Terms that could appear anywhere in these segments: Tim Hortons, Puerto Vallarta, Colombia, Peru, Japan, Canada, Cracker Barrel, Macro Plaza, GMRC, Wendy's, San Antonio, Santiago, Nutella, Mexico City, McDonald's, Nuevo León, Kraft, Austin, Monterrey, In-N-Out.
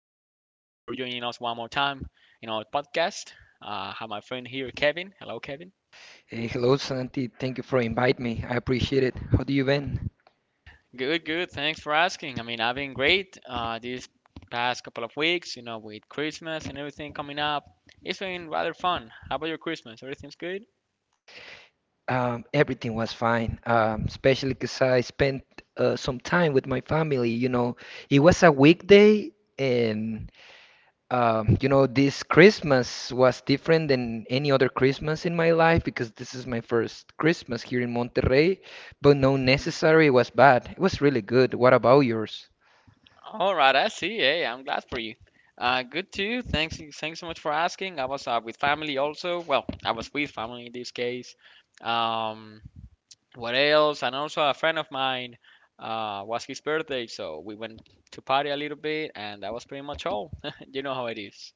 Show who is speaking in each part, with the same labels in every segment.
Speaker 1: joining us one more time in our podcast. I have my friend here, Kevin. Hello, Kevin.
Speaker 2: Hey, hello, Santi. Thank you for inviting me. I appreciate it. How do you been?
Speaker 1: Good, good. Thanks for asking. I mean, I've been great these past couple of weeks, you know, with Christmas and everything coming up. It's been rather fun. How about your Christmas? Everything's good?
Speaker 2: Everything was fine, especially because I spent some time with my family. You know, it was a weekday, and this Christmas was different than any other Christmas in my life because this is my first Christmas here in Monterrey. But no necessary, it was bad. It was really good. What about yours?
Speaker 1: All right, I see. Hey, I'm glad for you. Good too. Thanks so much for asking. I was with family also. Well, I was with family in this case. Um, What else? And also a friend of mine was his birthday, so we went to party a little bit, and that was pretty much all. You know how it is.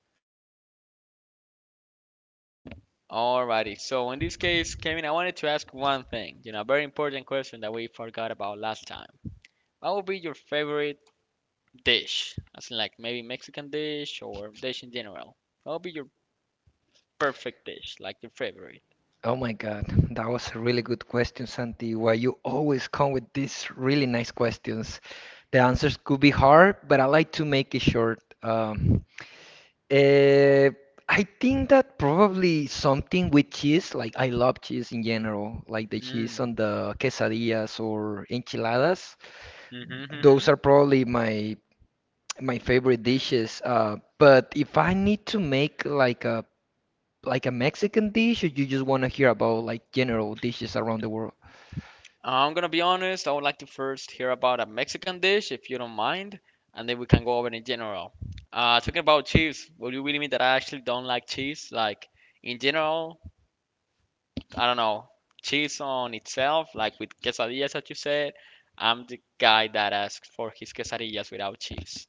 Speaker 1: Alrighty. So in this case, Kevin, I wanted to ask one thing. A very important question that we forgot about last time. What would be your favorite dish? As in, like maybe Mexican dish or dish in general. What would be your perfect dish, like your favorite?
Speaker 2: Oh my God, that was a really good question, Santi. Why you always come with these really nice questions? The answers could be hard, but I like to make it short. Eh, I think that probably something with cheese, like I love cheese in general, like the cheese
Speaker 1: Mm.
Speaker 2: on the quesadillas or enchiladas. Those
Speaker 1: Mm-hmm.
Speaker 2: are probably my favorite dishes. But if I need to make like a Mexican dish, or you just want to hear about like general dishes around the world?
Speaker 1: I'm gonna be honest, I would like to first hear about a Mexican dish, if you don't mind, and then we can go over in general. Talking about cheese, will you really mean that I actually don't like cheese? Like, in general, I don't know, cheese on itself, like with quesadillas that you said, I'm the guy that asks for his quesadillas without cheese.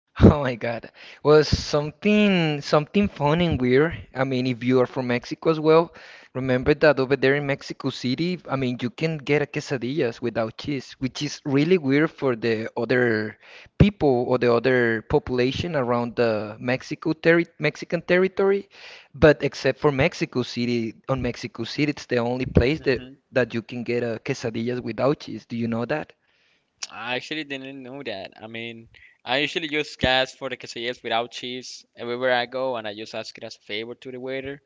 Speaker 2: Oh my God. Well, something fun and weird. I mean, if you are from Mexico as well, remember that over there in Mexico City, I mean, you can get a quesadillas without cheese, which is really weird for the other people or the other population around the Mexico terri Mexican territory. But except for Mexico City, on Mexico City, it's the only place that
Speaker 1: Hmm.
Speaker 2: that you can get a quesadillas without cheese. Do you know that?
Speaker 1: I actually didn't know that. I mean, I usually just ask for the quesadillas without cheese everywhere I go, and I just ask it as a favor to the waiter.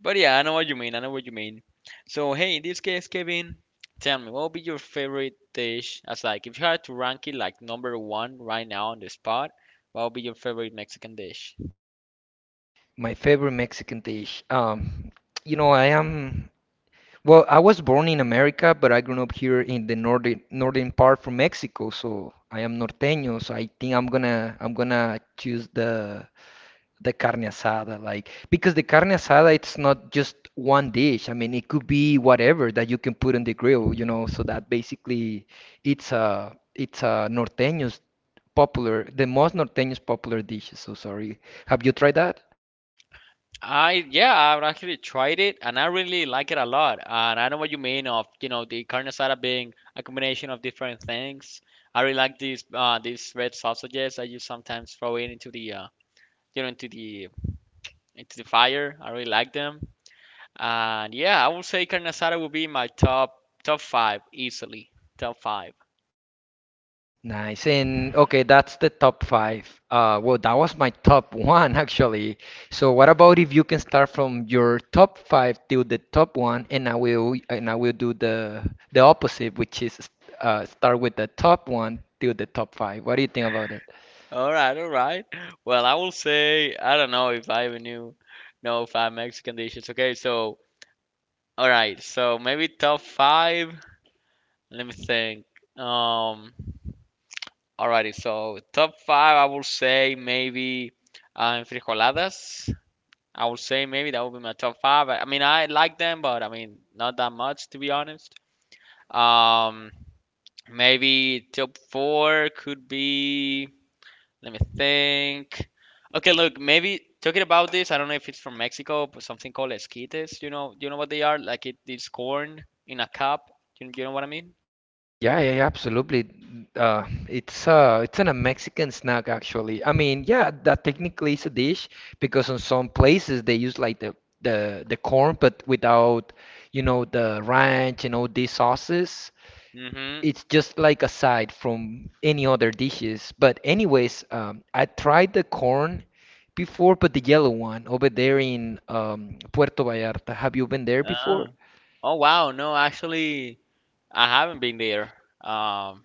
Speaker 1: But yeah, I know what you mean. I know what you mean. So hey, in this case, Kevin, tell me, what would be your favorite dish? As like, if you had to rank it like number one right now on the spot, what would be your favorite Mexican dish?
Speaker 2: My favorite Mexican dish. You know, I am. Well, I was born in America, but I grew up here in the northern part from Mexico, so I am norteño, so I think I'm gonna choose the carne asada, like because the carne asada it's not just one dish. I mean, it could be whatever that you can put on the grill, you know,
Speaker 1: Mhm.
Speaker 2: so that basically it's a norteño's popular the most norteño's popular dishes. So sorry. Have you tried that?
Speaker 1: I Yeah, I've actually tried it and I really like it a lot. And I know what you mean of the carne asada being a combination of different things. I really like these red sausages that you sometimes throw in into the you know into the fire. I really like them. And yeah, I would say carne asada would be my top five easily. Top five.
Speaker 2: Nice. And okay, that's the top five. Well, that was my top one actually. So what about if you can start from your top five till the top one, and I will do the opposite, which is start with the top one till the top five. What do you think about it?
Speaker 1: All right, all right. Well, I will say I don't know if I even knew know five Mexican dishes. Okay, so all right, so maybe top five. Let me think. Um, Alrighty, so top five, I will say maybe frijoladas. I will say maybe that would be my top five. I mean, I like them, but I mean, not that much to be honest. Um, Maybe top four could be. Let me think. Okay, look, maybe talking about this, I don't know if it's from Mexico, but something called esquites. You know what they are? Like it's corn in a cup. You know what I mean?
Speaker 2: Yeah, yeah, yeah, absolutely. It's an, a Mexican snack actually. I mean, yeah, that technically is a dish because in some places they use like the corn, but without, you know, the ranch and all these sauces.
Speaker 1: Mm-hmm.
Speaker 2: It's just like a side from any other dishes. But anyways, I tried the corn before, but the yellow one over there in Puerto Vallarta. Have you been there
Speaker 1: Oh.
Speaker 2: before?
Speaker 1: Oh wow. No, actually, I haven't been there. Um,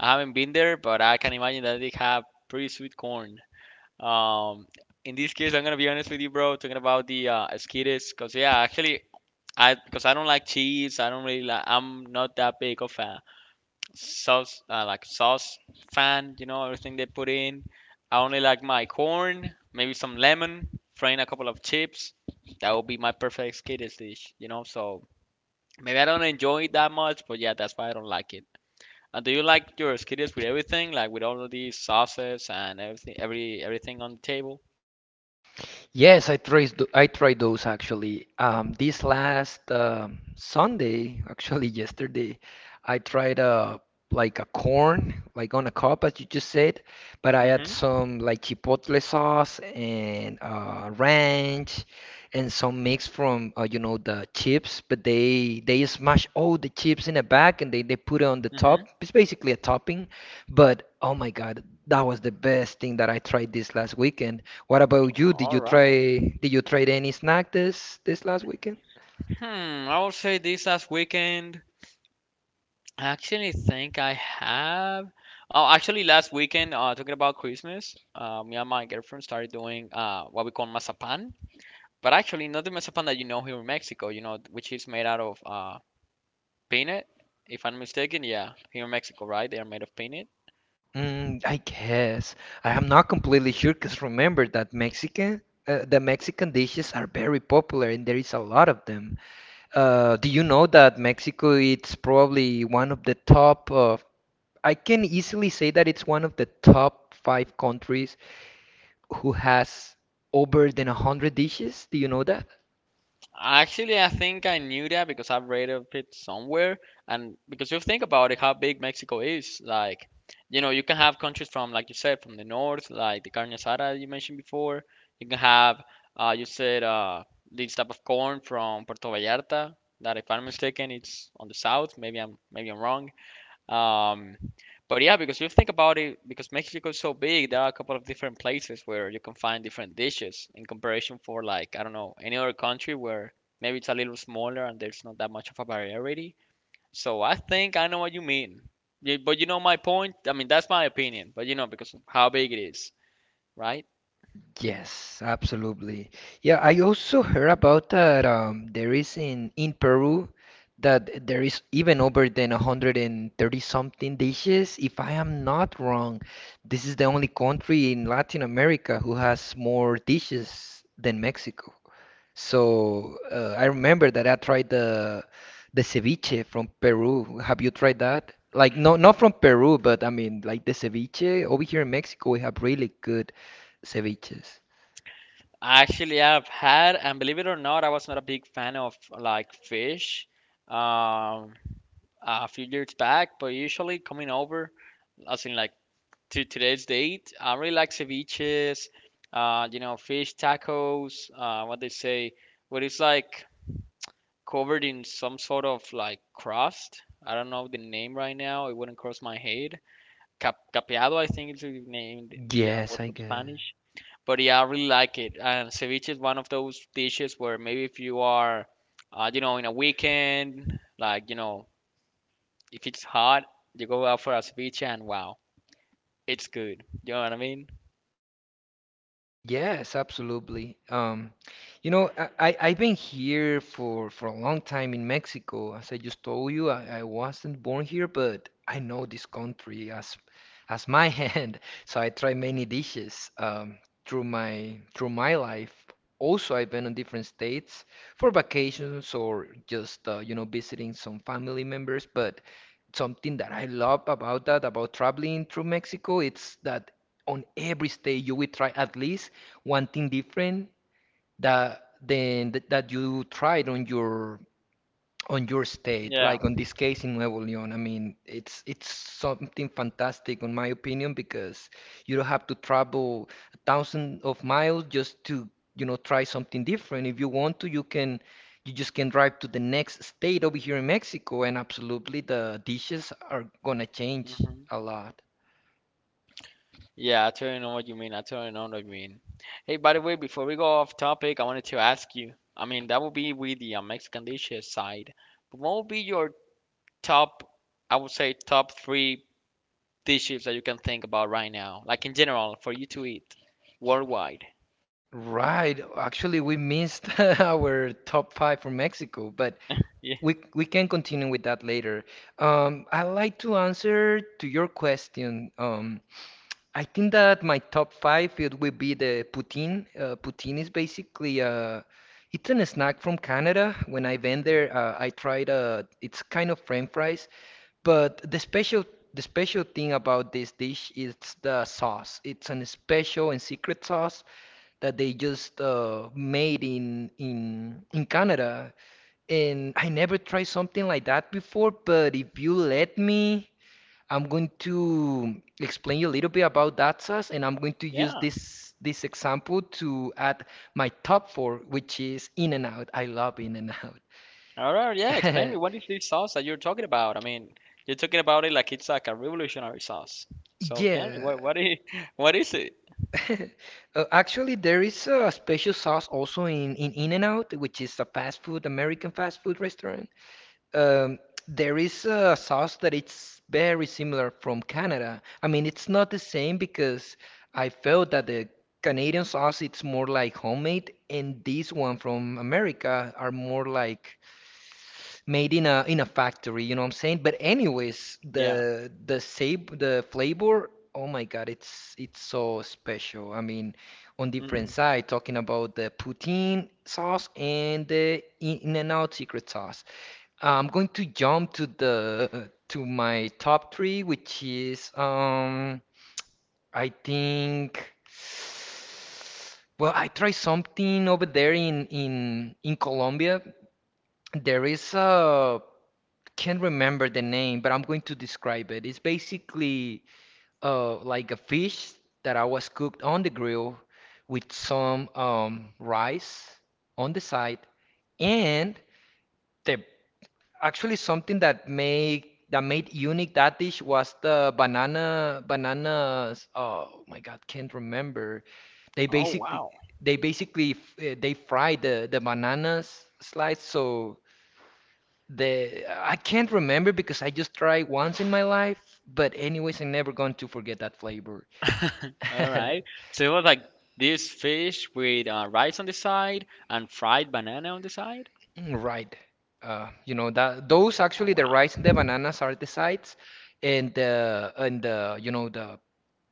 Speaker 1: I haven't been there, but I can imagine that they have pretty sweet corn. Um, in this case, I'm gonna be honest with you, bro. Talking about the esquites, cause yeah, actually, I because I don't like cheese. I don't really like. I'm not that big of a sauce fan. You know everything they put in. I only like my corn, maybe some lemon, frying a couple of chips. That would be my perfect kiddies dish. So maybe I don't enjoy it that much, but yeah, that's why I don't like it. And do you like your skiddies with everything, like with all of these sauces and everything, everything on the table?
Speaker 2: Yes, I tried those actually. This last Sunday, actually yesterday, I tried like a corn, like on a cup, as you just said, but I add
Speaker 1: Mhm.
Speaker 2: some like chipotle sauce and ranch and some mix from you know the chips, but they smash all the chips in a bag and they put it on the
Speaker 1: Mhm.
Speaker 2: top. It's basically a topping, but oh my God, that was the best thing that I tried this last weekend. What about you? Did
Speaker 1: All
Speaker 2: you
Speaker 1: right.
Speaker 2: try did you try any snack this last weekend?
Speaker 1: Hmm. I would say this last weekend. I actually think I have. Oh, actually, last weekend, talking about Christmas, me and my girlfriend started doing what we call mazapan. But actually, not the mazapan that you know here in Mexico, which is made out of peanut, if I'm mistaken. Yeah, here in Mexico, right? They are made of peanut.
Speaker 2: Mm, I guess I am not completely sure because remember that Mexican the Mexican dishes are very popular and there is a lot of them. Do you know that Mexico it's probably one of the top of I can easily say that it's one of the top five countries who has over than 100 dishes. Do you know that?
Speaker 1: Actually, I think I knew that because I've read of it somewhere, and because you think about it, how big Mexico is, you can have countries from, like you said, from the north, like the carne asada you mentioned before. You can have, you said, this type of corn from Puerto Vallarta, that if I'm mistaken, it's on the south. Maybe I'm wrong. Um, but yeah, because you think about it, because Mexico is so big, there are a couple of different places where you can find different dishes in comparison for like, I don't know, any other country where maybe it's a little smaller and there's not that much of a variety. So I think I know what you mean. Yeah, but you know my point? I mean, that's my opinion, but because of how big it is, right?
Speaker 2: Yes, absolutely. Yeah, I also heard about that there is in Peru that there is even over than 130 something dishes. If I am not wrong, this is the only country in Latin America who has more dishes than Mexico. So I remember that I tried the ceviche from Peru. Have you tried that? Like no, not from Peru, but I mean like the ceviche over here in Mexico, we have really good ceviches.
Speaker 1: Actually, I've had, and believe it or not, I was not a big fan of like fish um, a few years back, but usually coming over, as in like to today's date. I really like ceviches, fish tacos, what they say, what it's like covered in some sort of like crust. I don't know the name right now. It wouldn't cross my head. Capeado, I think is the name, the
Speaker 2: Yes,
Speaker 1: word
Speaker 2: I
Speaker 1: from
Speaker 2: guess.
Speaker 1: Spanish. But yeah, I really like it. And ceviche is one of those dishes where maybe if you are, in a weekend, if it's hot, you go out for a ceviche and wow, it's good. You know what I mean?
Speaker 2: Yes, absolutely. You know, I've been here for a long time in Mexico. As I just told you, I wasn't born here, but I know this country as my hand. So I try many dishes through my life. Also, I've been in different states for vacations or just you know visiting some family members. But something that I love about that, about traveling through Mexico, it's that on every state you will try at least one thing different that you tried on your state,
Speaker 1: Yeah.
Speaker 2: like on this case in Nuevo León. I mean, it's something fantastic in my opinion because you don't have to travel a thousand of miles just to, you know, try something different. If you want to, you just can drive to the next state over here in Mexico and absolutely the dishes are gonna change
Speaker 1: Mhm.
Speaker 2: a lot.
Speaker 1: Yeah, I totally know what you mean. I totally know what you mean. Hey, by the way, before we go off topic, I wanted to ask you. I mean, that would be with the Mexican dishes side. But what would be your top, I would say, top three dishes that you can think about right now, like in general, for you to eat worldwide?
Speaker 2: Right. Actually, we missed our top five from Mexico, but
Speaker 1: Yeah.
Speaker 2: we can continue with that later. I like to answer to your question. I think that my top five it will be the poutine. Poutine is basically it's a snack from Canada. When I went there, I tried it's kind of French fries, but the special thing about this dish is the sauce. It's an special and secret sauce that they just made in Canada. And I never tried something like that before, but if you let me, I'm going to explain you a little bit about that sauce, and I'm going to use
Speaker 1: Yeah.
Speaker 2: this example to add my top four, which is In-N-Out. I love In-N-Out.
Speaker 1: All right. Yeah. Explain me. What is this sauce that you're talking about? I mean, you're talking about it like it's like a revolutionary sauce. So tell me,
Speaker 2: Yeah.
Speaker 1: what is what is it?
Speaker 2: Actually, there is a special sauce also in In-N-Out, which is a fast food, American fast food restaurant. Um, there is a sauce that it's very similar from Canada. I mean, it's not the same because I felt that the Canadian sauce it's more like homemade, and this one from America are more like made in a factory, you know what I'm saying? But anyways,
Speaker 1: Yeah.
Speaker 2: the flavor, oh my God, it's so special. I mean, on different
Speaker 1: Hmm.
Speaker 2: side, talking about the poutine sauce and the In-N-Out secret sauce. I'm going to jump to the to my top three, which is I think well I tried something over there in Colombia. There is a can't remember the name, but I'm going to describe it. It's basically like a fish that I was cooked on the grill with some rice on the side, and the actually something that made unique that dish was the bananas. Oh my God, can't remember. They
Speaker 1: Oh,
Speaker 2: basically
Speaker 1: wow.
Speaker 2: they fry the bananas slice so the I can't remember because I just tried once in my life, but anyways, I'm never going to forget that flavor.
Speaker 1: All right. So it was like this fish with rice on the side and fried banana on the side.
Speaker 2: Right. You know that those
Speaker 1: Oh
Speaker 2: actually the
Speaker 1: wow.
Speaker 2: rice and the bananas are the sides, and the you know the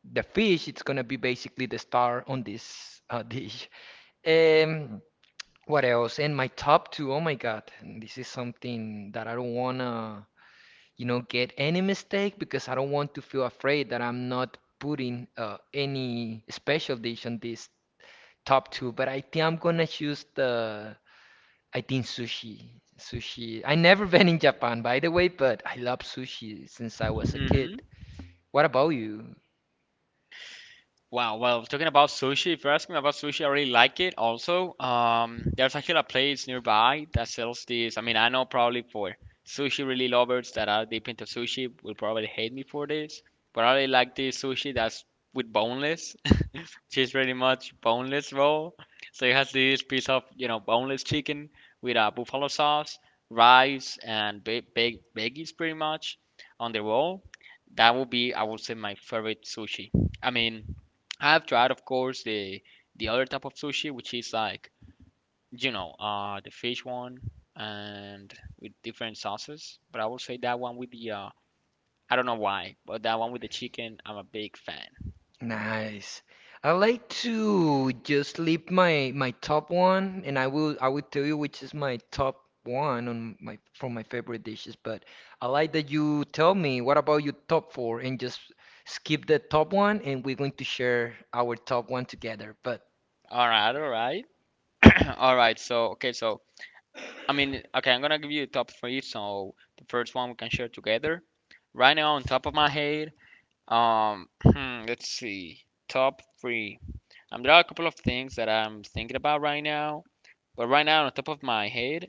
Speaker 2: the fish it's gonna be basically the star on this dish. Um, what else? And my top two, oh my God, this is something that I don't wanna you know, get any mistake because I don't want to feel afraid that I'm not putting any special dish on this top two. But I think I'm gonna I think sushi. Sushi. I never been in Japan, by the way, but I love sushi since I was a
Speaker 1: Hmm.
Speaker 2: kid. What about you?
Speaker 1: Wow, well, talking about sushi, if you're asking me about sushi, I really like it also. There's actually a place nearby that sells this. I mean, I know probably for sushi really lovers that are deep into sushi will probably hate me for this, but I really like this sushi that's with boneless, which is pretty much boneless roll. So it has this piece of boneless chicken with a buffalo sauce, rice, and ba ba veggies pretty much on the roll. That would be, I would say, my favorite sushi. I mean, I've tried, of course, the other type of sushi, which is like, the fish one and with different sauces. But I will say that one with the I don't know why, but that one with the chicken, I'm a big fan.
Speaker 2: Nice. I like to just leave my top one, and I will tell you which is my top one on my favorite dishes. But I like that you tell me what about your top four, and just skip the top one, and we're going to share our top one together. But
Speaker 1: All right, all right. So okay, so I mean, okay, I'm gonna give you the top three. So the first one we can share together. Right now, on top of my head, um, let's see, top three. There are a couple of things that I'm thinking about right now. But right now, on top of my head,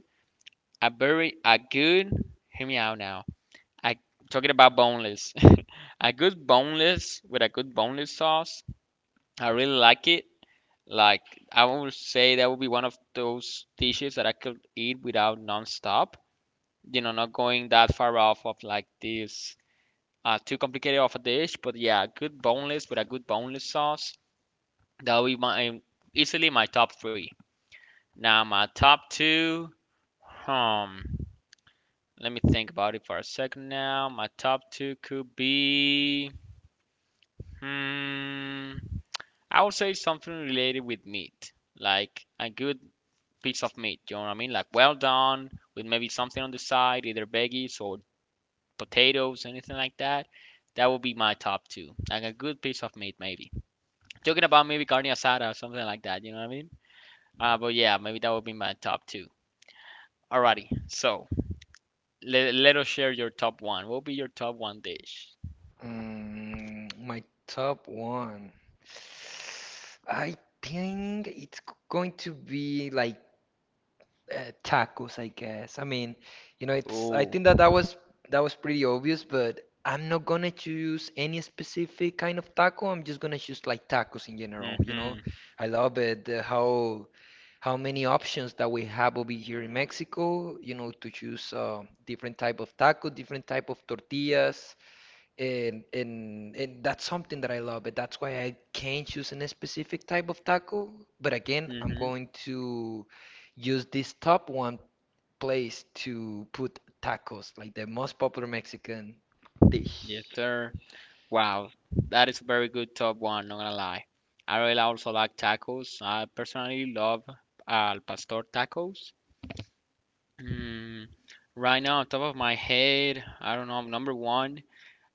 Speaker 1: a good, hear me out now. I Talking about boneless. A good boneless with a good boneless sauce. I really like it. Like I would say that would be one of those dishes that I could eat without non-stop. Not going that far off of like this too complicated of a dish, but yeah, a good boneless with a good boneless sauce. That would be my easily my top three. Now my top two, hmm. Let me think about it for a second now. My top two could be. Hmm, I would say something related with meat, like a good piece of meat. You know what I mean? Like well done, with maybe something on the side, either veggies or potatoes, anything like that. That would be my top two. Like a good piece of meat, maybe. Talking about maybe carne asada or something like that. You know what I mean? But yeah, maybe that would be my top two. Alrighty, so let us share your top one. What would be your top one dish?
Speaker 2: mm, my top one, I think it's going to be like tacos, I guess. I mean, you know, it's I
Speaker 1: Ooh.
Speaker 2: think that was that was pretty obvious, but I'm not gonna choose any specific kind of taco. I'm just gonna choose like tacos in general, you know.
Speaker 1: Mhm.
Speaker 2: I love it how many options that we have over here in Mexico, you know, to choose different type of taco, different type of tortillas. And that's something that I love, and that's why I can't choose any specific type of taco. But again, I'm
Speaker 1: Mhm.
Speaker 2: going to use this top one place to put tacos, like the most popular Mexican
Speaker 1: Yes,
Speaker 2: dish.
Speaker 1: sir. Wow, that is a very good top one. Not gonna lie. I really also like tacos. I personally love al pastor tacos. Mm, right now, on top of my head, I don't know. Number one.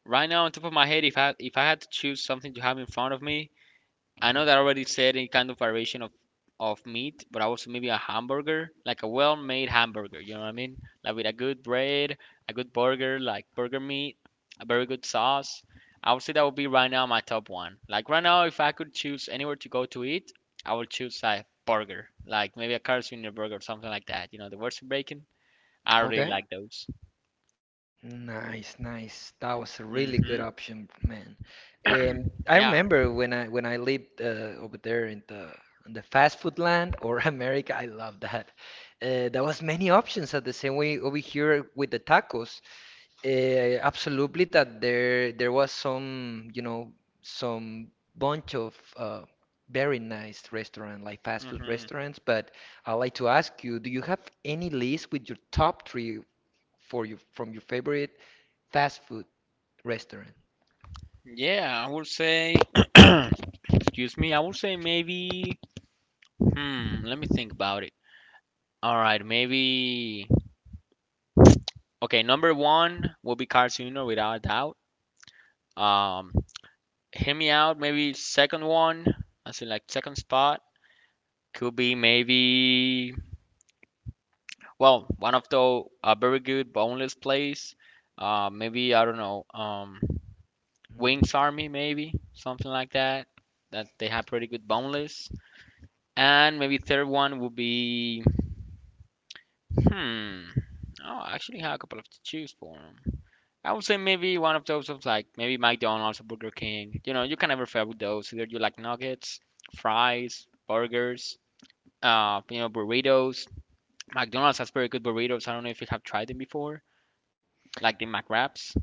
Speaker 1: Right now, on top of my head, if I had to choose something to have in front of me, I know that I already said any kind of variation of meat, but I was maybe a hamburger, like a well-made hamburger. You know what I mean? Like with a good bread, a good burger, like burger meat, a very good sauce. I would say that would be right now my top one. Like right now, if I could choose anywhere to go to eat, I would choose a burger, like maybe a Carl's Jr. burger or something like that. You know, the worst bacon. I really
Speaker 2: Okay.
Speaker 1: like those.
Speaker 2: Nice, nice. That was a really good
Speaker 1: Mhm.
Speaker 2: option, man. I
Speaker 1: Yeah.
Speaker 2: remember when I lived over there in the fast food land or America. I love that. There was many options at the same way over here with the tacos. That there was some, you know, some bunch of very nice restaurant, like fast food
Speaker 1: Mhm.
Speaker 2: restaurants. But I'd like to ask you, do you have any list with your top three for you from your favorite fast food restaurant?
Speaker 1: Yeah, I would say. Excuse me. I would say maybe. Let me think about it. All right, maybe. Okay, number one will be Carcino without a doubt. Um, Hear me out. Maybe second one, I see like second spot could be maybe well one of the very good boneless plays. Maybe I don't know. Wings Army maybe something like that. That they have pretty good boneless. And maybe third one would be hmm. Oh, I actually have a couple of to choose for. I would say maybe one of those of like maybe McDonald's or Burger King. You know, you can never fail with those. Either you like nuggets, fries, burgers, you know, burritos. McDonald's has very good burritos. I don't know if you have tried them before, like the McWraps.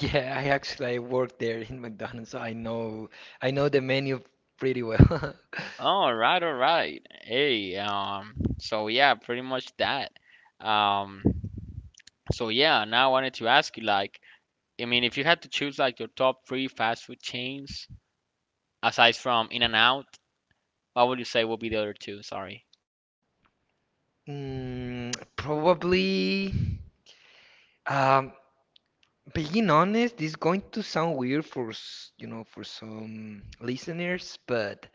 Speaker 2: Yeah, I actually I worked there in McDonald's, so I know the menu pretty well.
Speaker 1: All right, all right. Hey, so yeah, pretty much that. Um, so yeah, now I wanted to ask you like, I mean, if you had to choose like your top three fast food chains aside from In-N-Out, what would you say would be the other two? Sorry.
Speaker 2: Mm, probably. Um, Being honest, this is going to sound weird for you know for some listeners, but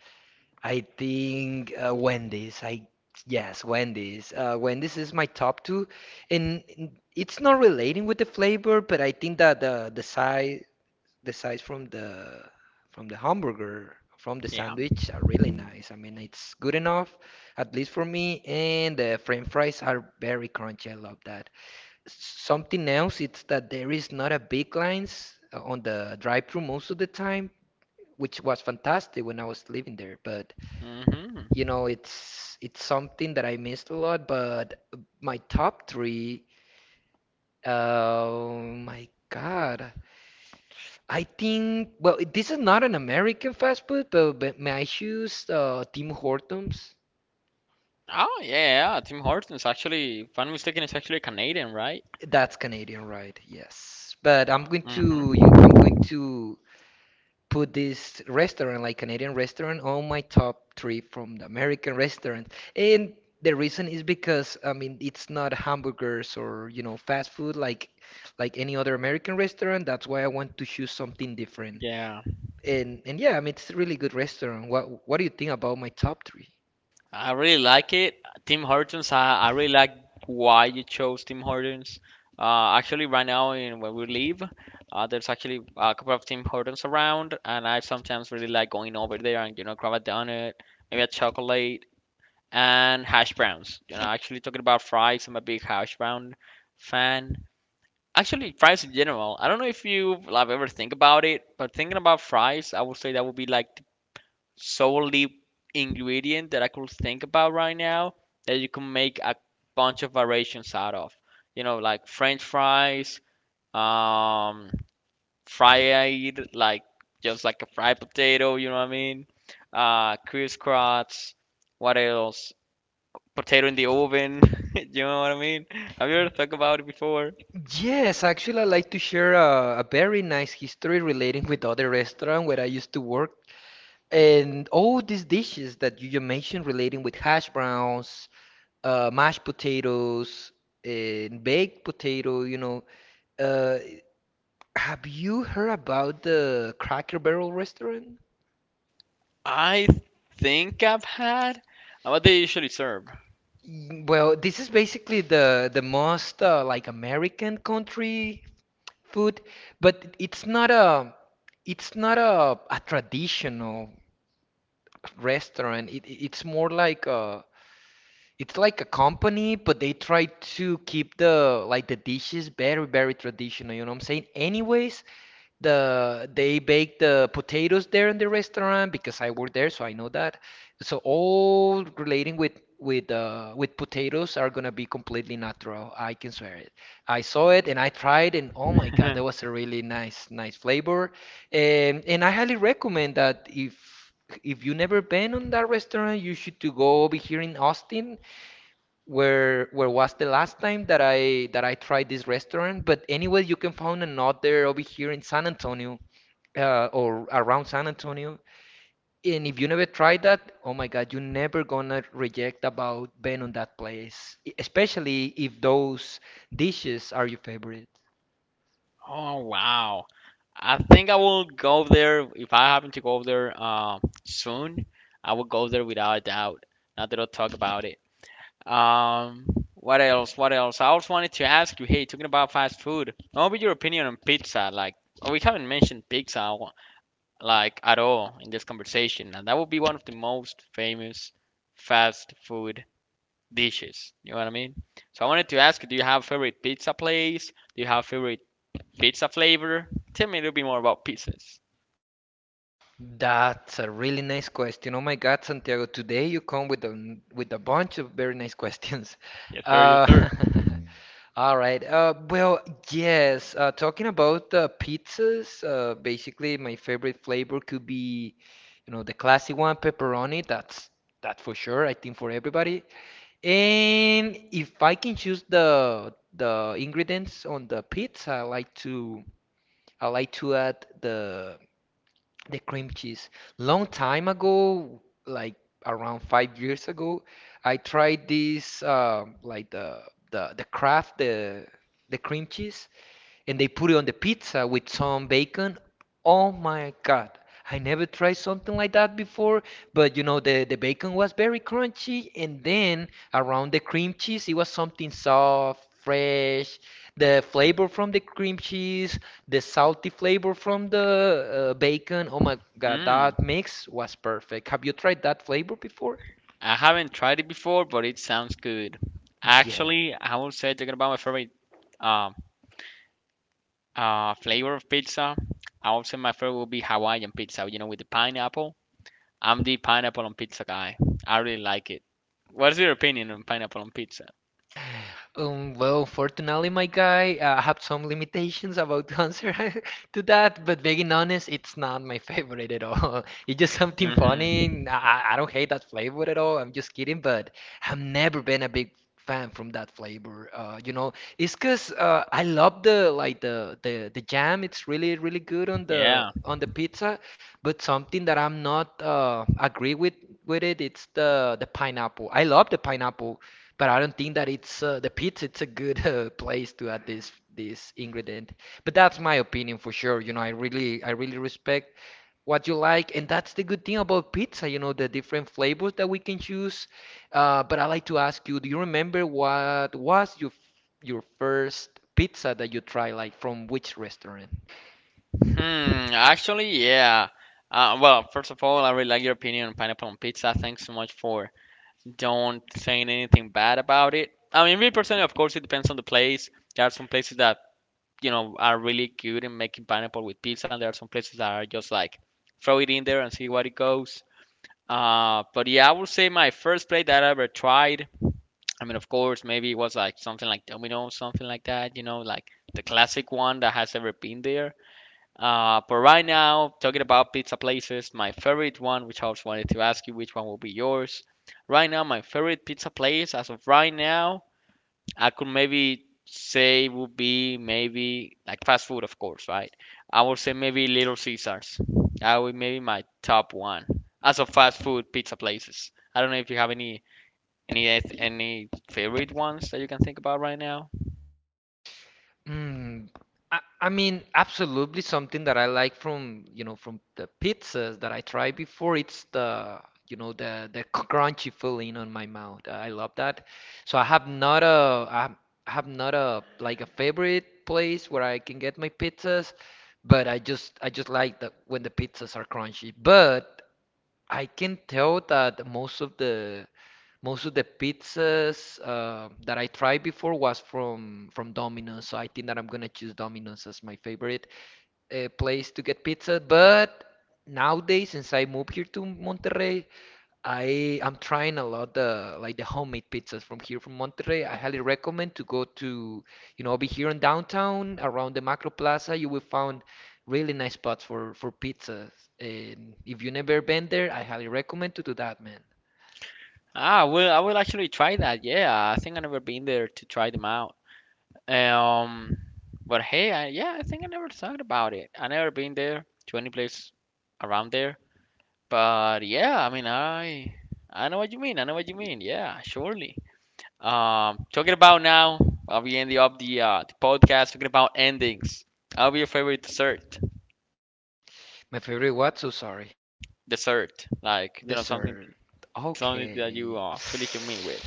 Speaker 2: I think Wendy's. Wendy's. Wendy's is my top two, and it's not relating with the flavor, but I think that the size the size from the hamburger from the
Speaker 1: Yeah.
Speaker 2: sandwich are really nice. I mean, it's good enough, at least for me, and the French fries are very crunchy. I love that. Something else it's that there is not a big lines on the drive-through most of the time, which was fantastic when I was living there, but
Speaker 1: Mhm.
Speaker 2: you know it's something that I missed a lot. But my top three, oh my god, I think, well, this is not an American fast food, but may I choose Tim Hortons?
Speaker 1: Oh yeah, Tim Hortons actually, if I'm mistaken, it's actually Canadian, right?
Speaker 2: That's Canadian, right? Yes, but i'm going to
Speaker 1: Mhm.
Speaker 2: you i'm going to put this restaurant, like Canadian restaurant, on my top three from the American restaurant. And the reason is because I mean it's not hamburgers or you know fast food like any other American restaurant. That's why I want to choose something different.
Speaker 1: Yeah,
Speaker 2: And yeah, I mean it's a really good restaurant. What do you think about my top three?
Speaker 1: I really like it. Tim Hortons, I really like why you chose Tim Hortons. Actually, right now in where we live, there's actually a couple of Tim Hortons around, and I sometimes really like going over there and you know grab a donut, maybe a chocolate, and hash browns. You know, actually talking about fries, I'm a big hash brown fan. Actually, fries in general. I don't know if you have ever think about it, but thinking about fries, I would say that would be like the solely ingredient that I could think about right now that you can make a bunch of variations out of. You know, like French fries, um, fried like just like a fried potato. You know what I mean? Crisscross. What else? Potato in the oven. You know what I mean? Have you ever thought about it before?
Speaker 2: Yes, actually, I like to share a very nice history relating with other restaurant where I used to work. And all these dishes that you just mentioned relating with hash browns, mashed potatoes, and baked potato, you know. Uh, have you heard about the Cracker Barrel restaurant?
Speaker 1: I think I've had. And what they usually serve.
Speaker 2: Mm, well, this is basically the most like American country food, but it's not a it's not a traditional restaurant. It's more like a it's like a company, but they try to keep the like the dishes very, very traditional, you know what I'm saying? Anyways, they bake the potatoes there in the restaurant because I work there, so I know that. So all relating with potatoes are gonna be completely natural. I can swear it. I saw it and I tried, and oh my God, that was a really nice flavor. And I highly recommend that if you never been on that restaurant, you should to go over here in Austin where was the last time that I tried this restaurant. But anyway, you can find another over here in San Antonio or around San Antonio. And if you never tried that, oh my God, you're never gonna reject about being on that place, especially if those dishes are your favorite.
Speaker 1: Oh wow. I think I will go there if I happen to go there soon. I will go there without a doubt. Now that I'll talk about it. Um, what else? What else? I also wanted to ask you. Hey, talking about fast food, what would your opinion on pizza? Like, we haven't mentioned pizza like at all in this conversation, and that would be one of the most famous fast food dishes. You know what I mean? So I wanted to ask you, do you have a favorite pizza place? Do you have a favorite pizza flavor? Tell me a little bit more about pizzas.
Speaker 2: That's a really nice question. Oh my God, Santiago, today you come with a bunch of very nice questions.
Speaker 1: Yes, sir. Yes,
Speaker 2: Uh,
Speaker 1: sir.
Speaker 2: all right. Well, yes. Talking about pizzas, basically my favorite flavor could be, you know, the classic one, pepperoni. That's that for sure. I think for everybody. And if I can choose the ingredients on the pizza, I like to add the cream cheese. Long time ago, like around 5 years ago, I tried this like the the Kraft the cream cheese, and they put it on the pizza with some bacon. Oh my God. I never tried something like that before, but you know, the bacon was very crunchy, and then around the cream cheese, it was something soft, fresh. The flavor from the cream cheese, the salty flavor from the bacon. Oh my God,
Speaker 1: Mm,
Speaker 2: that mix was perfect. Have you tried that flavor before?
Speaker 1: I haven't tried it before, but it sounds good.
Speaker 2: Yeah.
Speaker 1: Actually, I would say talking about my favorite um flavor of pizza. I would say my favorite would be Hawaiian pizza, you know, with the pineapple. I'm the pineapple on pizza guy. I really like it. What's your opinion on pineapple on pizza?
Speaker 2: Well, fortunately, my guy, I have some limitations about the answer to that, but being honest, it's not my favorite at all. It's just something funny.
Speaker 1: hmm
Speaker 2: And I don't hate that flavor at all. I'm just kidding, but I've never been a big fan from that flavor. You know, it's 'cause I love the like the, the jam. It's really really good
Speaker 1: Yeah.
Speaker 2: on the pizza, but something that I'm not agree with it, it's the pineapple. I love the pineapple, but I don't think that it's the pizza. It's a good place to add this ingredient. But that's my opinion for sure. You know, I really respect what you like, and that's the good thing about pizza. You know, the different flavors that we can choose. But I like to ask you, do you remember what was your first pizza that you tried, like from which restaurant?
Speaker 1: Actually, yeah. Well, first of all, I really like your opinion on pineapple on pizza. Thanks so much for don't saying anything bad about it. I mean, me personally, of course, it depends on the place. There are some places that, you know, are really good in making pineapple with pizza, and there are some places that are just like throw it in there and see what it goes. But yeah, I would say my first plate that I ever tried. I mean, of course, maybe it was like something like Domino, something like that, you know, like the classic one that has ever been there. But right now, talking about pizza places, my favorite one, which I was wanted to ask you, which one will be yours? Right now, my favorite pizza place, as of right now, I could maybe say would be maybe like fast food, of course, right? I would say maybe Little Caesars. That would maybe my top one as of fast food pizza places. I don't know if you have any favorite ones that you can think about right now.
Speaker 2: Mm, I mean, absolutely something that I like from, you know, from the pizzas that I tried before. It's the, you know, the crunchy feeling on my mouth. I love that. So I have not a like a favorite place where I can get my pizzas, but I just like that when the pizzas are crunchy. But I can tell that most of the pizzas that I tried before was from Domino's, so I think that I'm gonna choose Domino's as my favorite place to get pizza. But nowadays, since I moved here to Monterrey, I'm trying a lot the like the homemade pizzas from here from Monterrey. I highly recommend to go to, you know, be here in downtown around the Macro Plaza. You will find really nice spots for pizzas. And if you never been there, I highly recommend to do that, man.
Speaker 1: Ah, well, I will actually try that. Yeah, I think I've never been there to try them out. Um, but hey, I, yeah, I think I never thought about it. I never been there to any place around there. But yeah, I mean, I know what you mean. I know what you mean. Yeah, surely. Talking about now, I'll be ending up the podcast talking about endings. I'll be your favorite dessert.
Speaker 2: My favorite what? So sorry.
Speaker 1: Dessert, like you know something
Speaker 2: Dessert.
Speaker 1: something that you
Speaker 2: Okay.
Speaker 1: finish your meal with.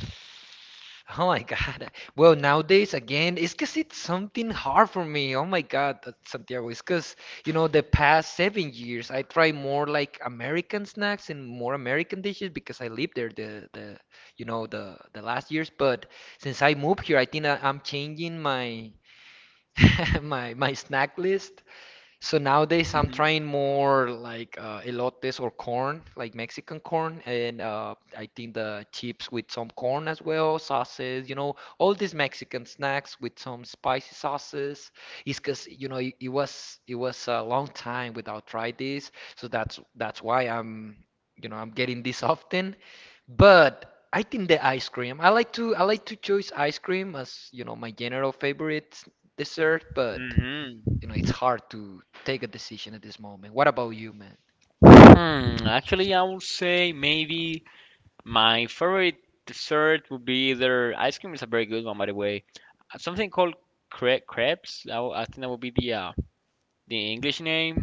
Speaker 2: Oh my God. Well, nowadays again, it's because it's something hard for me. Oh my God, Santiago. It's because, you know, the past 7 years I try more like American snacks and more American dishes because I lived there the you know the last years. But since I moved here, I'm changing my my snack list, so nowadays I'm
Speaker 1: Mhm.
Speaker 2: trying more like elotes or corn, like Mexican corn, and I think the chips with some corn as well, sauces, you know, all these Mexican snacks with some spicy sauces. It's 'cause you know it, it was a long time without try this, so that's why I'm you know I'm getting this often. But I think the ice cream. I like to choose ice cream as you know my general favorite dessert, but
Speaker 1: Mhm.
Speaker 2: you know, it's hard to take a decision at this moment. What about you, man?
Speaker 1: Hmm. Actually, I would say maybe. My favorite dessert would be either ice cream is a very good one, by the way. Something called crepes. I think that would be the English name.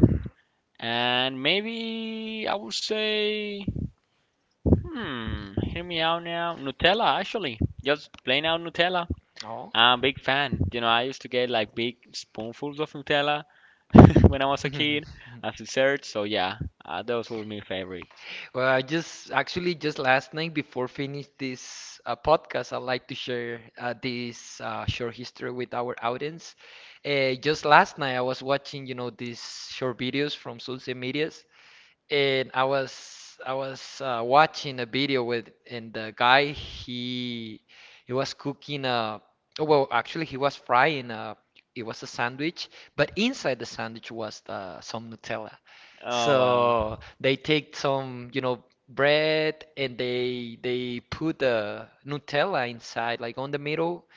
Speaker 1: And maybe I would say, hear me out now. Nutella, actually, just plain out Nutella.
Speaker 2: Oh.
Speaker 1: I'm a big fan. You know, I used to get like big spoonfuls of Nutella when I was a kid as dessert. So yeah, those were my favorites.
Speaker 2: Well, I just actually just last night before finish this podcast, I'd like to share this short history with our audience. Just last night, I was watching, you know, these short videos from social medias, and I was watching a video with, and the guy, he was cooking a oh, well actually he was frying a it was a sandwich, but inside the sandwich was some Nutella.
Speaker 1: Oh wow,
Speaker 2: So they take some, you know, bread, and they put the Nutella inside like on the middle.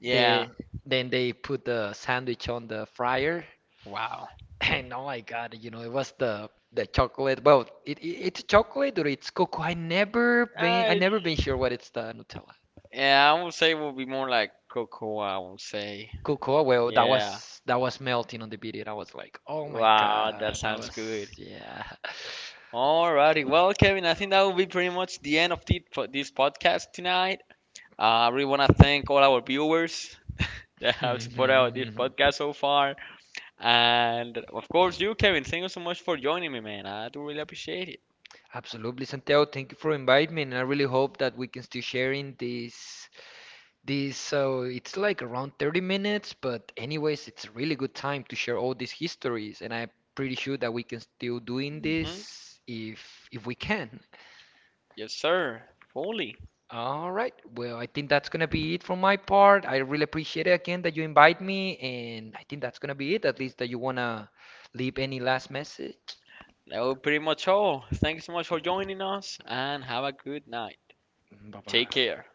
Speaker 1: yeah,
Speaker 2: They Then they put the sandwich on the fryer.
Speaker 1: wow.
Speaker 2: No, I got it. You know, it was the chocolate. Well, it's chocolate or it's cocoa. I
Speaker 1: I
Speaker 2: never been sure what it's the Nutella.
Speaker 1: Yeah, I would say it would be more like cocoa, I would say.
Speaker 2: Cocoa. Well,
Speaker 1: Yeah.
Speaker 2: that was melting on the video. And I was like, oh my
Speaker 1: Wow, that
Speaker 2: God, that
Speaker 1: sounds
Speaker 2: was
Speaker 1: good.
Speaker 2: yeah.
Speaker 1: Alrighty. Well, Kevin, I think that will be pretty much the end of the, this podcast tonight. I really want to thank all our viewers that have supported our, this podcast so far. And of course, you, Kevin, thank you so much for joining me, man. I do really appreciate it.
Speaker 2: Absolutely, Santiago. Thank you for inviting me, and I really hope that we can still sharing this. This, so it's like around 30 minutes, but anyways, it's a really good time to share all these histories, and I'm pretty sure that we can still doing
Speaker 1: Mhm.
Speaker 2: this if we can.
Speaker 1: Yes, sir. Fully.
Speaker 2: All right. Well, I think that's gonna be it from my part. I really appreciate it again that you invite me, and I think that's gonna be it. At least that you wanna leave any last message.
Speaker 1: That will be pretty much all. Thank you so much for joining us and have a good night.
Speaker 2: Bye
Speaker 1: Take
Speaker 2: bye.
Speaker 1: care.